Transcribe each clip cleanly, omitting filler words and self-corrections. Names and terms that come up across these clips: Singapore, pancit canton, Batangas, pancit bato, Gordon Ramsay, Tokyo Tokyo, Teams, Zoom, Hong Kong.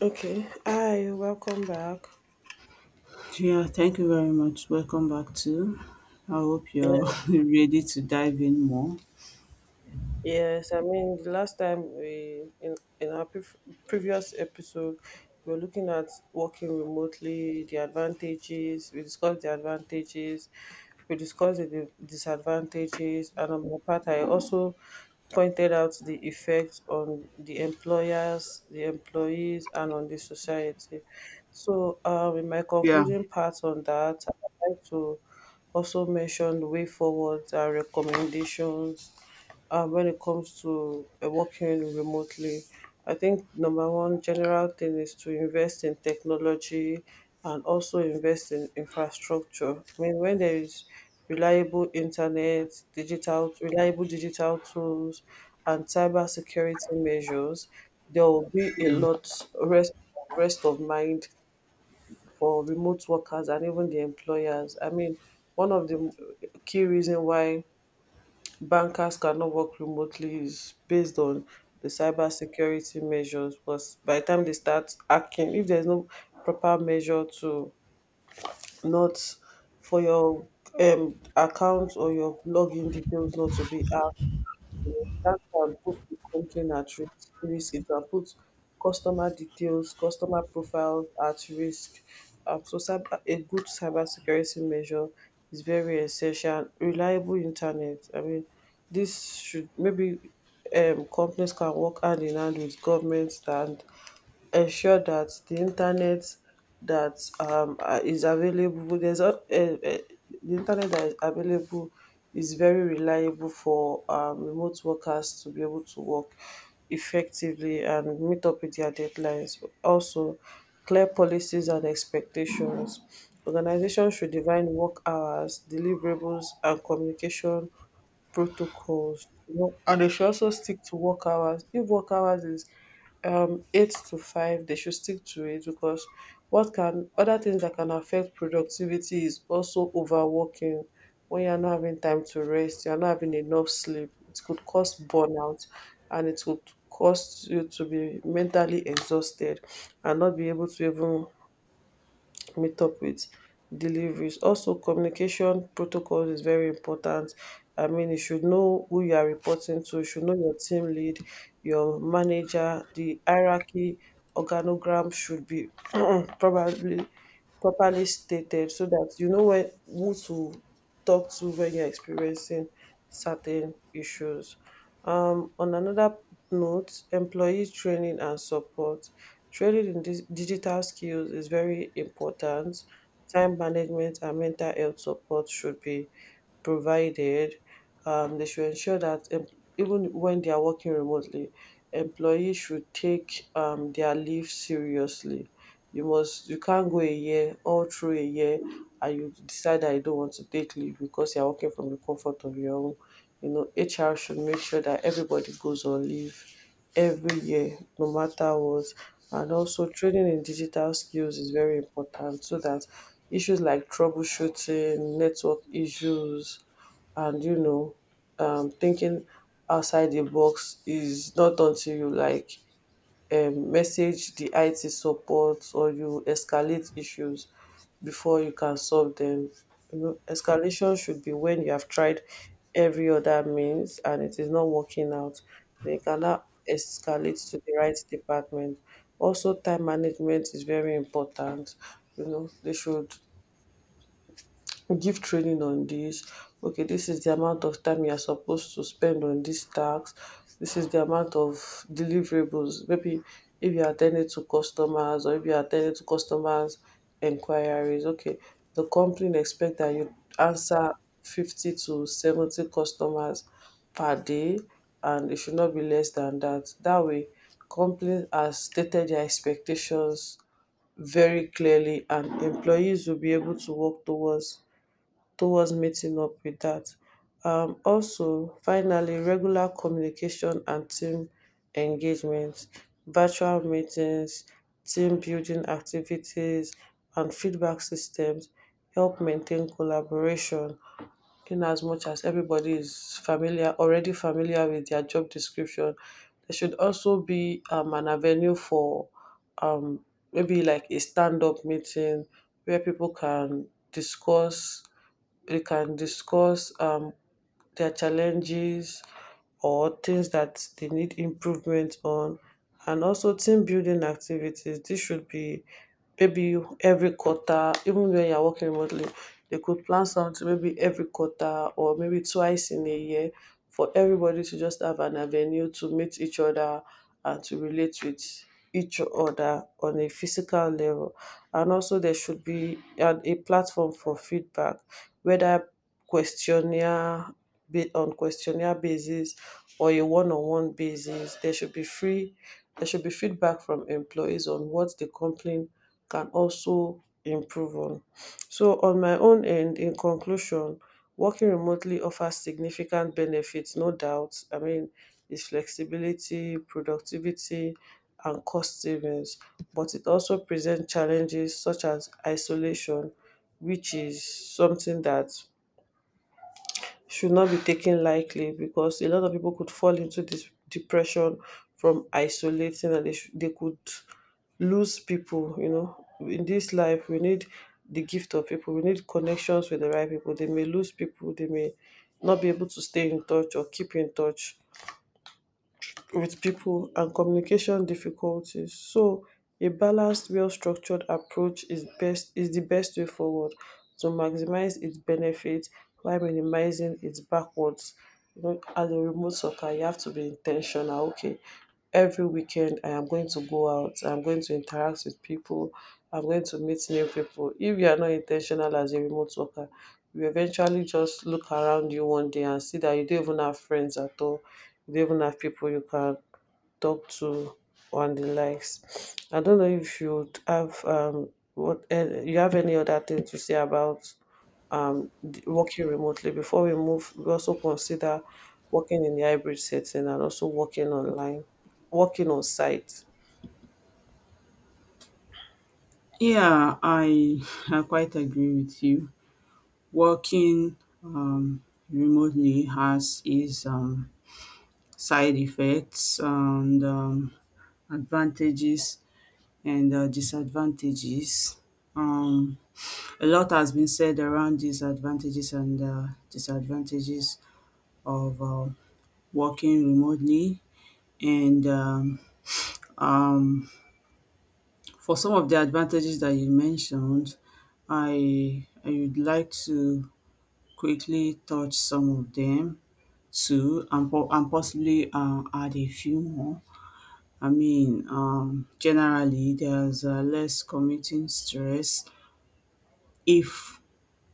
Okay. Hi, welcome back. Yeah, thank you very much. Welcome back to. I hope you're ready to dive in more. Yes, I mean, the last time we in our pref- previous episode, we were looking at working remotely, the advantages. We discussed the advantages, we discussed the disadvantages, and on my part, I also pointed out the effects on the employers, the employees, and on the society. So, in my Yeah, concluding part on that, I'd like to also mention the way forward, our recommendations when it comes to working remotely. I think number one general thing is to invest in technology and also invest in infrastructure. I mean, when there is reliable internet, reliable digital tools, and cyber security measures, there will be a lot rest rest of mind for remote workers and even the employers. I mean, one of the key reason why bankers cannot work remotely is based on the cyber security measures, because by the time they start hacking, if there's no proper measure to not, for your account or your login details not to be hacked, that can put the complaint at risk, it can put customer details, customer profiles at risk. So cyber, a good cyber security measure is very essential. Reliable internet, I mean, this should maybe, companies can work hand in hand with governments and ensure that the internet that is available, the internet that is available is very reliable for remote workers to be able to work effectively and meet up with their deadlines. Also, clear policies and expectations. Organizations should define work hours, deliverables, and communication protocols, you know, and they should also stick to work hours. If work hours is eight to five, they should stick to it, because what can, other things that can affect productivity is also overworking. When you're not having time to rest, you're not having enough sleep, it could cause burnout, and it could cause you to be mentally exhausted and not be able to even meet up with deliveries. Also, communication protocol is very important. I mean, you should know who you are reporting to, you should know your team lead, your manager. The hierarchy organogram should be probably properly stated, so that you know when, who to talk to when you're experiencing certain issues. On another note, employee training and support. Training in dis digital skills is very important. Time management and mental health support should be provided. They should ensure that even when they are working remotely, employees should take their leave seriously. You can't go a year, all through a year, and you decide that you don't want to take leave because you're working from the comfort of your home. You know, HR should make sure that everybody goes on leave every year, no matter what. And also, training in digital skills is very important, so that issues like troubleshooting network issues, and you know, thinking outside the box is not until you like message the IT support or you escalate issues before you can solve them. You know, escalation should be when you have tried every other means and it is not working out. They cannot escalate to the right department. Also, time management is very important. You know, they should give training on this. Okay, this is the amount of time you are supposed to spend on this task, this is the amount of deliverables. Maybe if you are attending to customers, or if you are attending to customers inquiries, okay, the company expect that you answer 50 to 70 customers per day, and it should not be less than that. That way, company has stated their expectations very clearly, and employees will be able to work towards meeting up with that. Also, finally, regular communication and team engagement, virtual meetings, team building activities, and feedback systems help maintain collaboration. In as much as everybody is familiar already familiar with their job description, there should also be an avenue for, um, maybe like a stand-up meeting where people can discuss they can discuss, their challenges or things that they need improvement on. And also team building activities, this should be maybe every quarter. Even when you're working remotely, they could plan something maybe every quarter, or maybe twice in a year, for everybody to just have an avenue to meet each other and to relate with each other on a physical level. And also, there should be a platform for feedback, whether questionnaire on questionnaire basis or a one-on-one basis. There should be feedback from employees on what the company can also improve on. So on my own end, in conclusion, working remotely offers significant benefits, no doubt. I mean, it's flexibility, productivity, and cost savings, but it also presents challenges such as isolation, which is something that should not be taken lightly, because a lot of people could fall into this depression from isolating, and they could lose people. You know, in this life we need the gift of people, we need connections with the right people. They may lose people, they may not be able to stay in touch or keep in touch with people, and communication difficulties. So a balanced, well-structured approach is the best way forward to maximize its benefits while minimizing its backwards. You know, as a remote soccer, you have to be intentional. Okay, every weekend I am going to go out, I'm going to interact with people, I'm going to meet new people. If you are not intentional as a remote worker, you eventually just look around you one day and see that you don't even have friends at all. You don't even have people you can talk to and the likes. I don't know if you would have you have any other thing to say about working remotely, before we move, we also consider working in the hybrid setting, and also working online, working on site. yeah, I I quite agree with you. Working um, remotely has its side effects and advantages and disadvantages. Um, a lot has been said around these advantages and disadvantages of working remotely and Um, for some of the advantages that you mentioned, I would like to quickly touch some of them too, and, and possibly add a few more. I mean, generally, there's less commuting stress if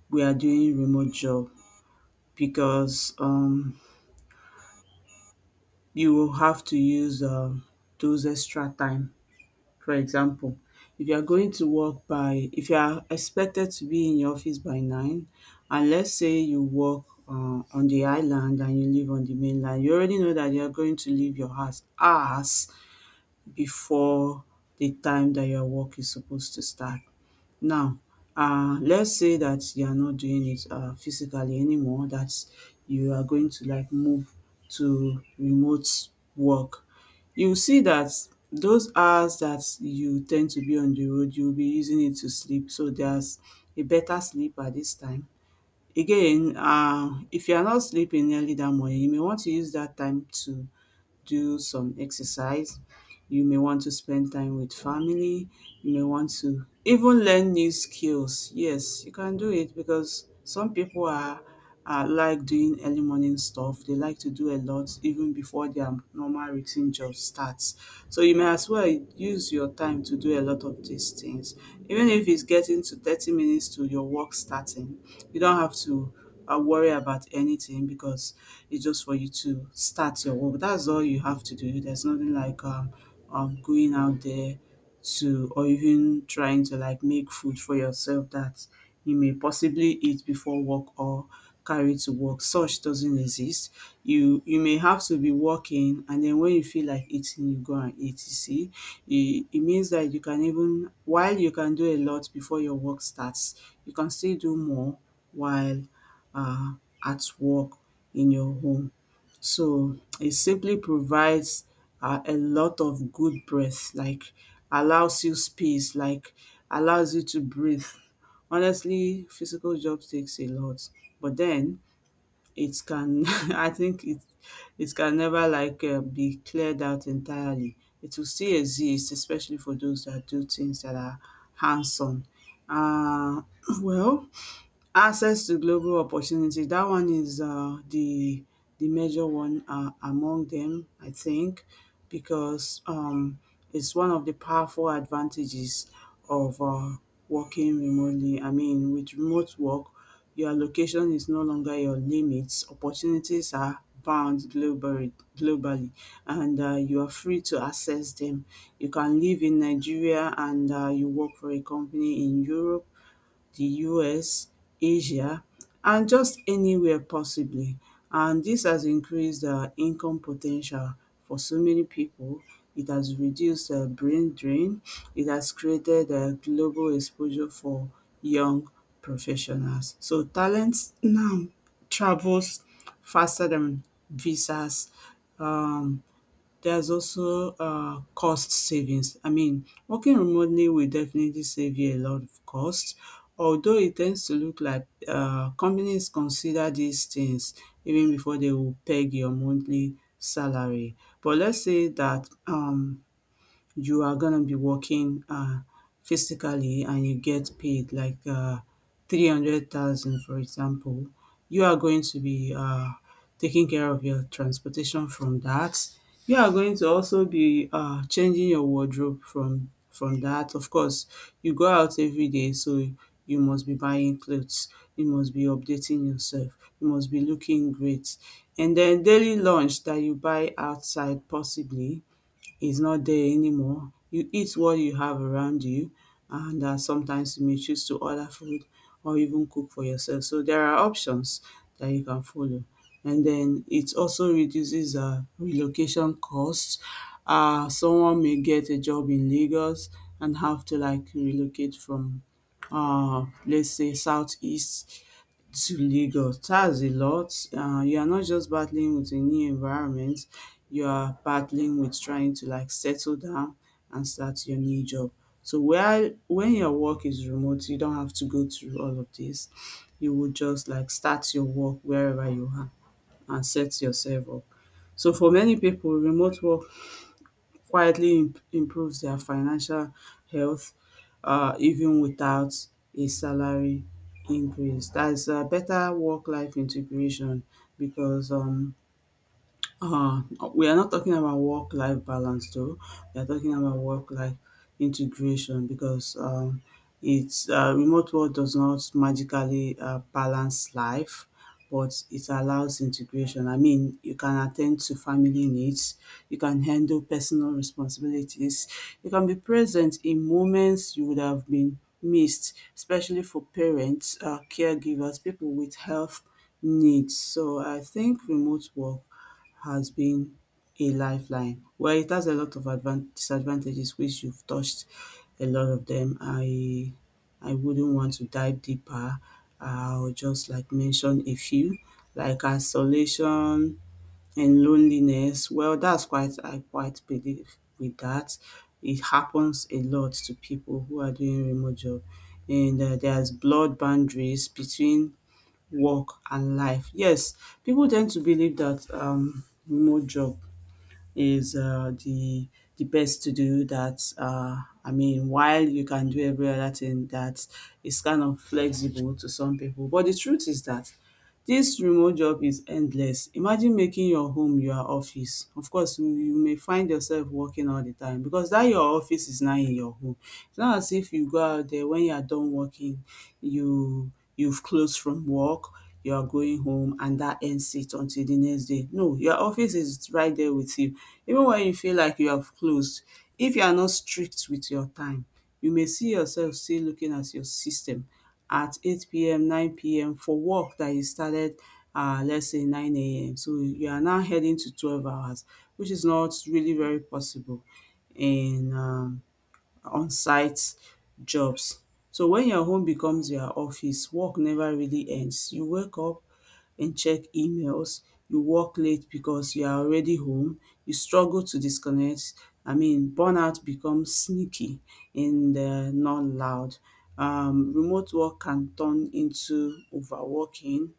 we are doing remote job because you will have to use those extra time. For example, if you are going to work by if you are expected to be in your office by 9, and let's say you work on the island and you live on the mainland, you already know that you are going to leave your house hours before the time that your work is supposed to start. Now, let's say that you are not doing it physically anymore, that you are going to like move to remote work. You will see that those hours that you tend to be on the road, you'll be using it to sleep. So there's a better sleep at this time. Again, if you are not sleeping early that morning, you may want to use that time to do some exercise, you may want to spend time with family, you may want to even learn new skills. Yes, you can do it because some are like doing early morning stuff. They like to do a lot even before their normal routine job starts. So you may as well use your time to do a lot of these things. Even if it's getting to 30 minutes to your work starting, you don't have to worry about anything because it's just for you to start your work. That's all you have to do. There's nothing like going out there to, or even trying to like make food for yourself that you may possibly eat before work or carry to work. Such doesn't exist. You may have to be working, and then when you feel like eating, you go and eat. You see, it means that you can even while you can do a lot before your work starts, you can still do more while uh, at work in your home. So it simply provides a lot of good breath, like allows you space, like allows you to breathe. Honestly, physical job takes a lot, but then it can, I think it can never like be cleared out entirely. It will still exist, especially for those that do things that are hands-on. Uh, well, access to global opportunity, that one is the major one among them, I think, because it's one of the powerful advantages of working remotely. I mean, with remote work, your location is no longer your limits. Opportunities are bound globally, and you are free to access them. You can live in Nigeria and you work for a company in Europe, the US, Asia, and just anywhere possibly. And this has increased income potential for so many people. It has reduced brain drain. It has created a global exposure for young professionals. So talent now travels faster than visas. Um, There's also cost savings. I mean, working remotely will definitely save you a lot of cost, although it tends to look like companies consider these things even before they will peg your monthly salary. But let's say that you are gonna be working physically and you get paid like 300,000, for example. You are going to be taking care of your transportation from that. You are going to also be changing your wardrobe from that. Of course, you go out every day, so you must be buying clothes, you must be updating yourself, you must be looking great. And then daily lunch that you buy outside possibly is not there anymore. You eat what you have around you, and sometimes you may choose to order food or even cook for yourself. So there are options that you can follow. And then it also reduces relocation costs. Someone may get a job in Lagos and have to like relocate from, let's say, southeast to Lagos. That's a lot. You are not just battling with a new environment, you are battling with trying to like settle down and start your new job. So while when your work is remote, you don't have to go through all of this. You would just like start your work wherever you are and set yourself up. So for many people, remote work quietly improves their financial health even without a salary increase. That's a better work life integration, because uh, we are not talking about work life balance though. We are talking about work life integration because it's remote work does not magically balance life, but it allows integration. I mean, you can attend to family needs, you can handle personal responsibilities, you can be present in moments you would have been missed, especially for parents, caregivers, people with health needs. So I think remote work has been a lifeline. Well, it has a lot of disadvantages, which you've touched a lot of them. I wouldn't want to dive deeper. I'll just like mention a few, like isolation and loneliness. Well, that's quite I quite believe with that. It happens a lot to people who are doing remote job, and there's blood boundaries between work and life. Yes, people tend to believe that remote job is the best to do. That I mean, while you can do every other thing, that is kind of flexible to some people. But the truth is that this remote job is endless. Imagine making your home your office. Of course, you may find yourself working all the time because that your office is now in your home. It's not as if you go out there when you are done working, you've closed from work, you are going home and that ends it until the next day. No, your office is right there with you. Even when you feel like you have closed, if you are not strict with your time, you may see yourself still looking at your system at 8 p.m., 9 p.m. for work that you started, let's say 9 a.m. So you are now heading to 12 hours, which is not really very possible in on-site jobs. So when your home becomes your office, work never really ends. You wake up and check emails, you work late because you are already home, you struggle to disconnect. I mean, burnout becomes sneaky and not loud. Remote work can turn into overworking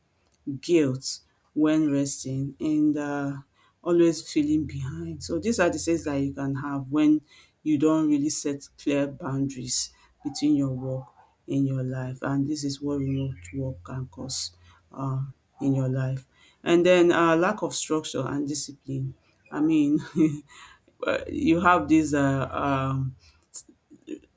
guilt when resting, and always feeling behind. So these are the things that you can have when you don't really set clear boundaries between your work and your life. And this is what remote work can cause uh, in your life. And then lack of structure and discipline. I mean, you have this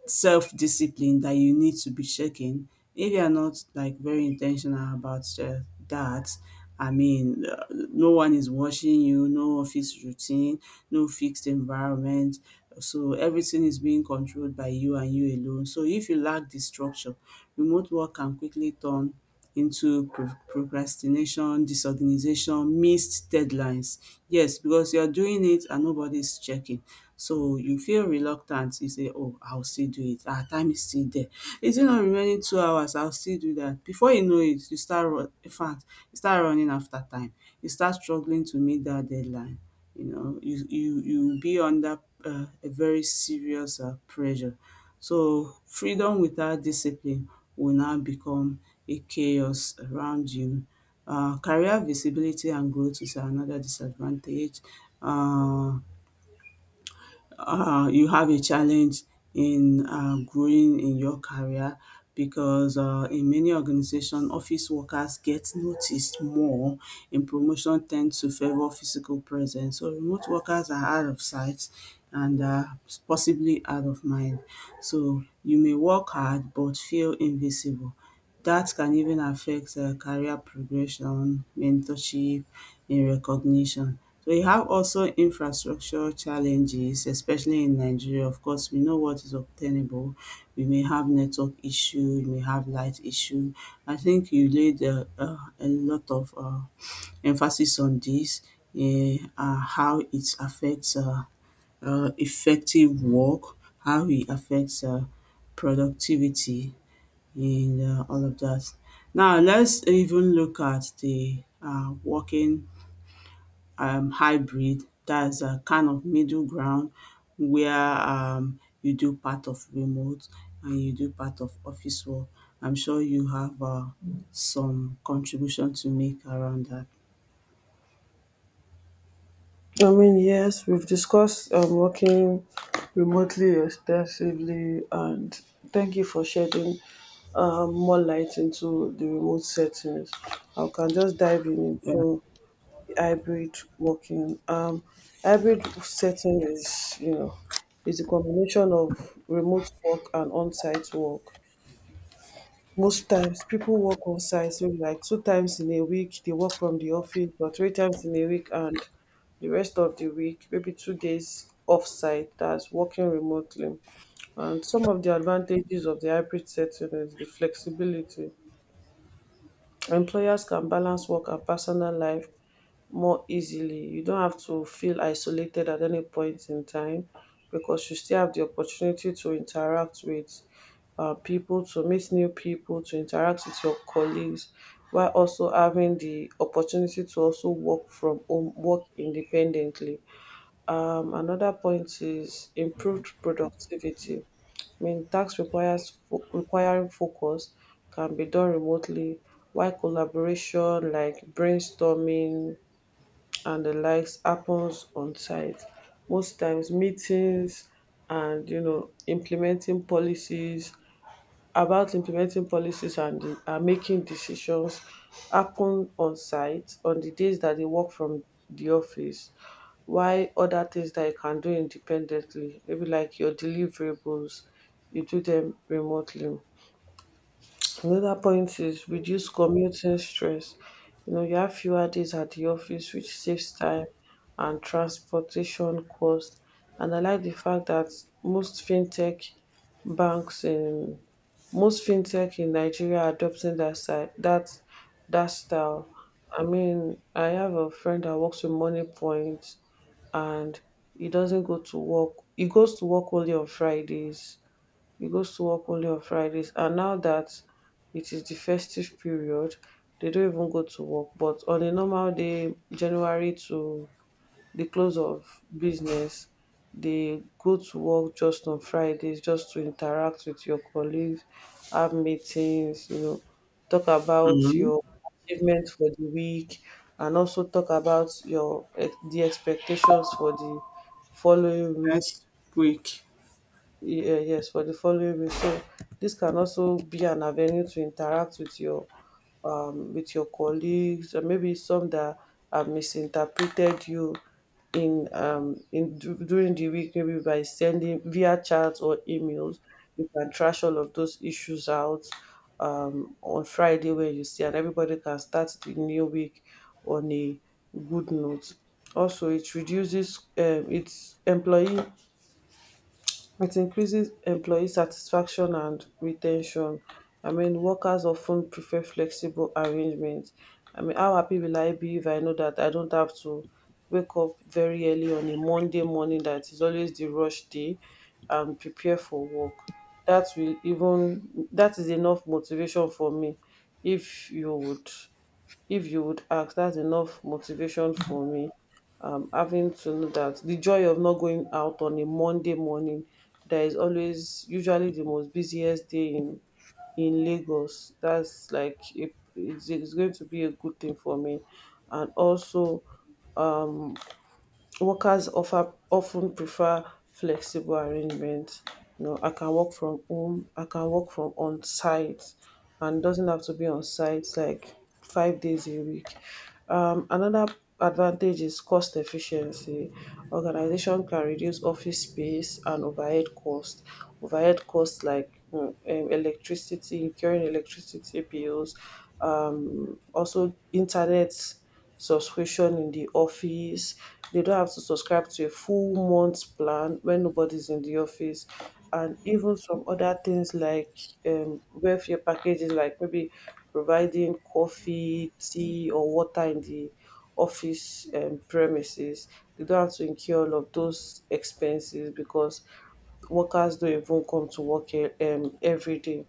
self-discipline that you need to be checking. If you are not like very intentional about that, I mean, no one is watching you, no office routine, no fixed environment. So everything is being controlled by you and you alone. So if you lack the structure, remote work can quickly turn into procrastination, disorganization, missed deadlines. Yes, because you're doing it and nobody's checking. So you feel reluctant. You say, oh, I'll still do it. Our time is still there. Is it not remaining 2 hours? I'll still do that. Before you know it, you start you start running after time. You start struggling to meet that deadline. You know, you be under a very serious pressure. So freedom without discipline will now become a chaos around you. Career visibility and growth is another disadvantage. Uh, you have a challenge in growing in your career because in many organizations, office workers get noticed more, and promotion tends to favor physical presence. So remote workers are out of sight and possibly out of mind. So you may work hard but feel invisible. That can even affect career progression, mentorship, and recognition. So you have also infrastructure challenges, especially in Nigeria. Of course, we know what is obtainable. We may have network issue, we may have light issue. I think you laid a lot of emphasis on this, how it affects effective work, how it affects productivity in all of that. Now, let's even look at the working hybrid, that's a kind of middle ground where you do part of remote and you do part of office work. I'm sure you have some contribution to make around that. I mean, yes, we've discussed working remotely extensively, and thank you for shedding more light into the remote settings. I can just dive in into Yeah. hybrid working. Hybrid setting is, you know, is a combination of remote work and on-site work. Most times, people work on site, maybe like 2 times in a week. They work from the office, or 3 times in a week, and the rest of the week, maybe 2 days off site. That's working remotely. And some of the advantages of the hybrid setting is the flexibility. Employers can balance work and personal life more easily. You don't have to feel isolated at any point in time, because you still have the opportunity to interact with people, to meet new people, to interact with your colleagues, while also having the opportunity to also work from home, work independently. Another point is improved productivity. I mean, requiring focus can be done remotely, while collaboration like brainstorming and the likes happens on site. Most times meetings, and you know, implementing policies, and making decisions happen on site, on the days that they work from the office, while other things that you can do independently, maybe like your deliverables, you do them remotely. Another point is reduce commuting stress. You know, you have fewer days at the office, which saves time and transportation cost. And I like the fact that most fintech banks in most fintech in Nigeria are adopting that that style. I mean, I have a friend that works with Money Point, and he doesn't go to work. He goes to work only on Fridays. And now that it is the festive period, they don't even go to work. But on a normal day, January to the close of business, they go to work just on Fridays, just to interact with your colleagues, have meetings, you know, talk about Mm-hmm. your achievements for the week, and also talk about your the expectations for the following week. Next week. Yeah, yes, for the following week. So this can also be an avenue to interact with your colleagues, or maybe some that have misinterpreted you during the week, maybe by sending via chat or emails. You can trash all of those issues out on Friday when you see, and everybody can start the new week on a good note. Also, it increases employee satisfaction and retention. I mean, workers often prefer flexible arrangements. I mean, how happy will I be if I know that I don't have to wake up very early on a Monday morning, that is always the rush day, and prepare for work? That will even That is enough motivation for me. If you would if you would ask, that's enough motivation for me. Having to know that the joy of not going out on a Monday morning, there is always usually the most busiest day in Lagos. That's like it's going to be a good thing for me, and also um workers often prefer flexible arrangements. You know, I can work from home, I can work from on site, and doesn't have to be on site like 5 days a week. Another advantage is cost efficiency. Organization can reduce office space and overhead cost. Overhead costs like electricity, incurring electricity bills, also internet subscription in the office. They don't have to subscribe to a full month plan when nobody's in the office. And even some other things like welfare packages, like maybe providing coffee, tea, or water in the office premises. They don't have to incur all of those expenses because workers don't even come to work every day.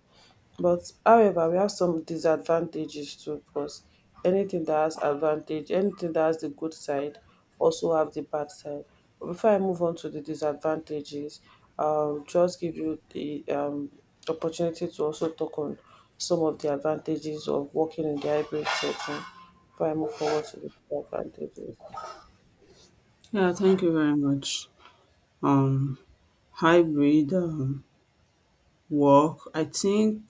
But however, we have some disadvantages too, because anything that has advantage, anything that has the good side also have the bad side. But before I move on to the disadvantages, just give you the opportunity to also talk on some of the advantages of working in the hybrid setting before I move forward to the advantages. Yeah, thank you very much. Um, Hybrid work, I think,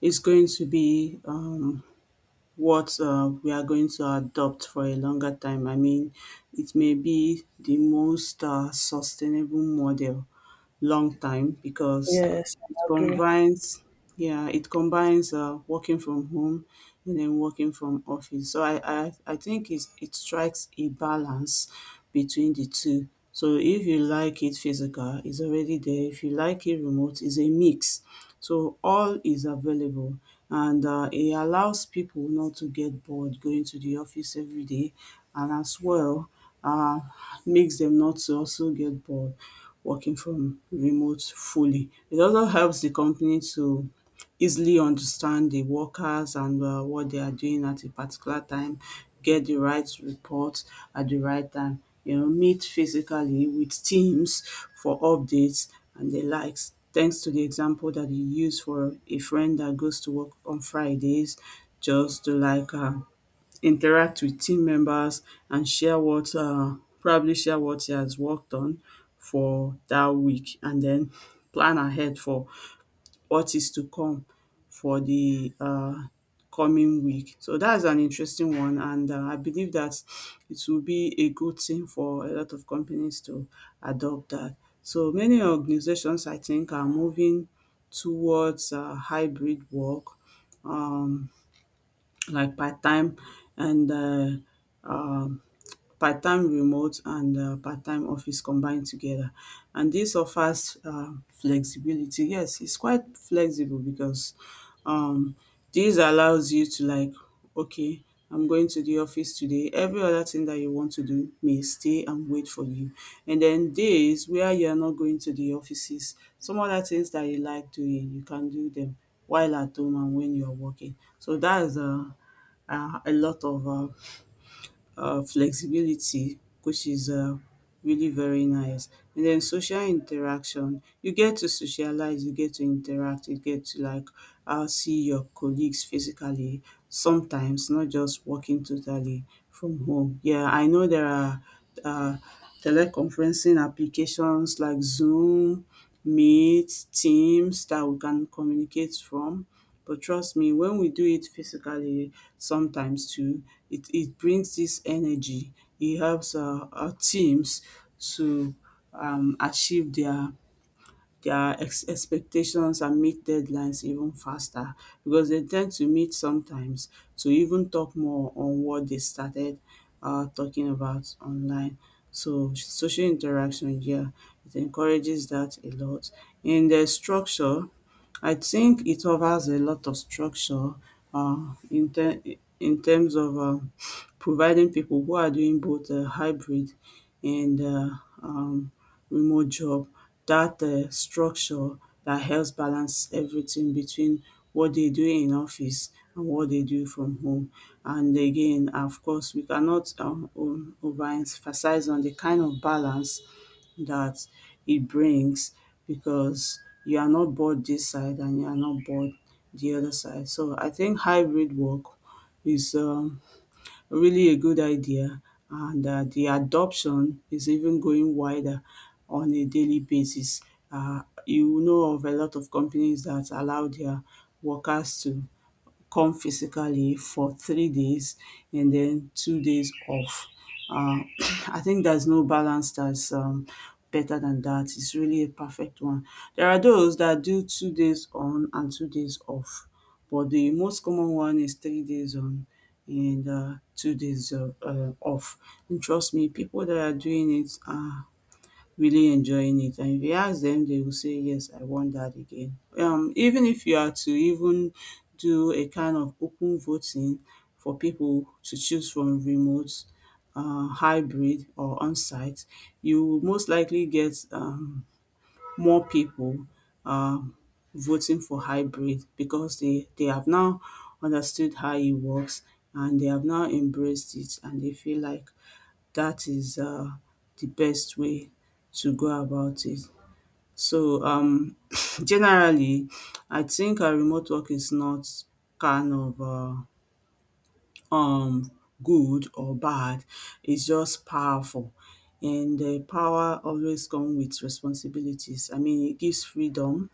is going to be we are going to adopt for a longer time. I mean, it may be the most sustainable model long time because Yes, it I agree. combines, yeah, it combines working from home and then working from office. So I think it's, it strikes a balance between the two. So if you like it physical, it's already there. If you like it remote, it's a mix. So all is available, and it allows people not to get bored going to the office every day, and as well uh, makes them not to also get bored working from remote fully. It also helps the company to easily understand the workers and what they are doing at a particular time, get the right report at the right time, you know, meet physically with teams for updates and the likes. Thanks to the example that you use for a friend that goes to work on Fridays just to like interact with team members and share what probably share what he has worked on for that week, and then plan ahead for what is to come for the coming week. So that's an interesting one, and I believe that it will be a good thing for a lot of companies to adopt that. So many organizations, I think, are moving towards hybrid work, um like part time and um, part-time remote and part-time office combined together, and this offers flexibility. Yes, it's quite flexible because um this allows you to like, okay, I'm going to the office today. Every other thing that you want to do may stay and wait for you. And then days where you are not going to the offices, some other things that you like doing, you can do them while at home and when you are working. So that is a lot of flexibility, which is really very nice. And then social interaction, you get to socialize, you get to interact, you get to like see your colleagues physically sometimes, not just working totally from home. Yeah, I know there are uh, teleconferencing applications like Zoom, Meet, Teams that we can communicate from. But trust me, when we do it physically sometimes too, it brings this energy. It helps our teams to achieve their expectations and meet deadlines even faster because they tend to meet sometimes to even talk more on what they started talking about online. So social interaction, yeah, it encourages that a lot. In the structure, I think it offers a lot of structure uh, in, ter- in terms of providing people who are doing both hybrid and um, remote job, that structure that helps balance everything between what they do in office and what they do from home. And again, of course, we cannot overemphasize on the kind of balance that it brings because you are not bored this side and you are not bored the other side. So I think hybrid work is really a good idea, and the adoption is even going wider on a daily basis. You know of a lot of companies that allow their workers to come physically for 3 days and then 2 days off. Um, I think there's no balance that's better than that. It's really a perfect one. There are those that do 2 days on and 2 days off, but the most common one is 3 days on and 2 days off. And trust me, people that are doing it are really enjoying it, and if you ask them, they will say yes, I want that again. Even if you are to even do a kind of open voting for people to choose from remote, hybrid or on-site, you will most likely get more people um voting for hybrid because they have now understood how it works, and they have now embraced it and they feel like that is the best way to go about it. So generally, I think remote work is not kind of um, good or bad. It's just powerful, and the power always comes with responsibilities. I mean, it gives freedom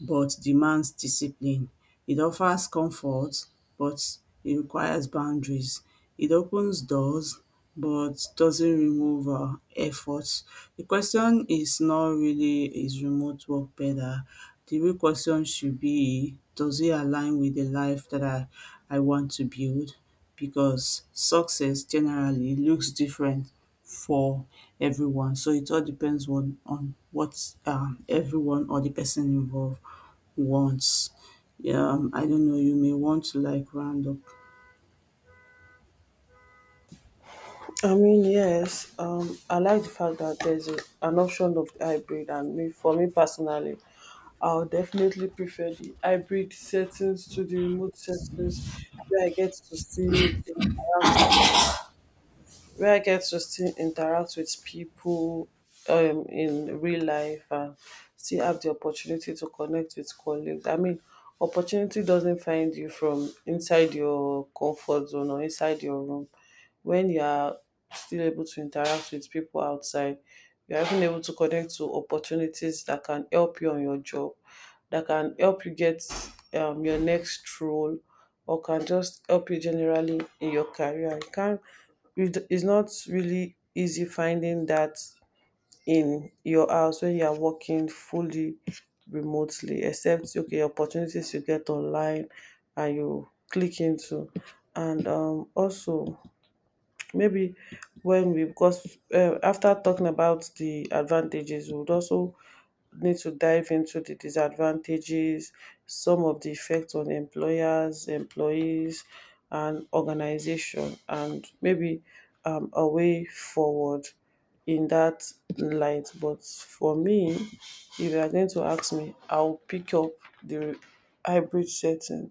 but demands discipline. It offers comfort, but it requires boundaries. It opens doors, but doesn't remove effort. The question is not really, is remote work better. The real question should be, does it align with the life that I want to build? Because success generally looks different for everyone. So it all depends on what everyone or the person involved wants. I don't know, you may want to like round up. I mean, yes, I like the fact that there's a, an option of the hybrid, and me, for me personally, I'll definitely prefer the hybrid settings to the remote settings, where I get to see the around me, where I get to still interact with people in real life and still have the opportunity to connect with colleagues. I mean, opportunity doesn't find you from inside your comfort zone or inside your room. When you are still able to interact with people outside, you are even able to connect to opportunities that can help you on your job, that can help you get your next role, or can just help you generally in your career. You it's not really easy finding that in your house when you are working fully remotely, except okay opportunities you get online and you click into, and also maybe when we, because after talking about the advantages, we would also need to dive into the disadvantages, some of the effects on employers, employees, and organization, and maybe a way forward in that light. But for me, if you are going to ask me, I'll pick up the hybrid setting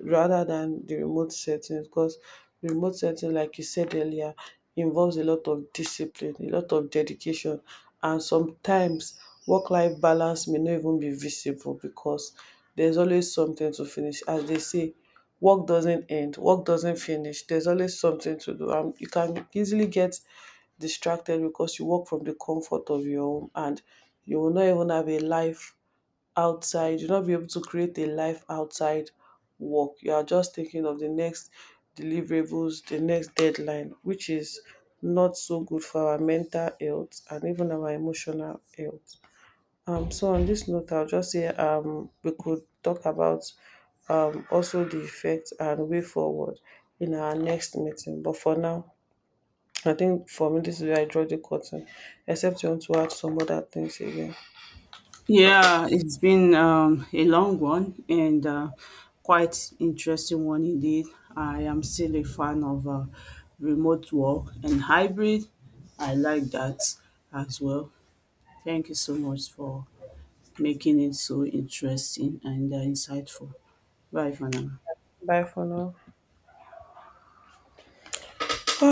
rather than the remote settings, because remote setting, like you said earlier, involves a lot of discipline, a lot of dedication, and sometimes work life balance may not even be visible, because there's always something to finish. As they say, work doesn't end, work doesn't finish, there's always something to do. You can easily get distracted because you work from the comfort of your home, and you will not even have a life outside, you'll not be able to create a life outside work, you are just thinking of the next deliverables, the next deadline, which is not so good for our mental health and even our emotional health. So on this note, I'll just say we could talk about also the effect and way forward in our next meeting, but for now, I think for me this is where I draw the curtain, except you want to add some other things again. Yeah, it's been a long one and quite interesting one indeed. I am still a fan of remote work and hybrid. I like that as well. Thank you so much for making it so interesting and insightful. Bye for now. Bye for now.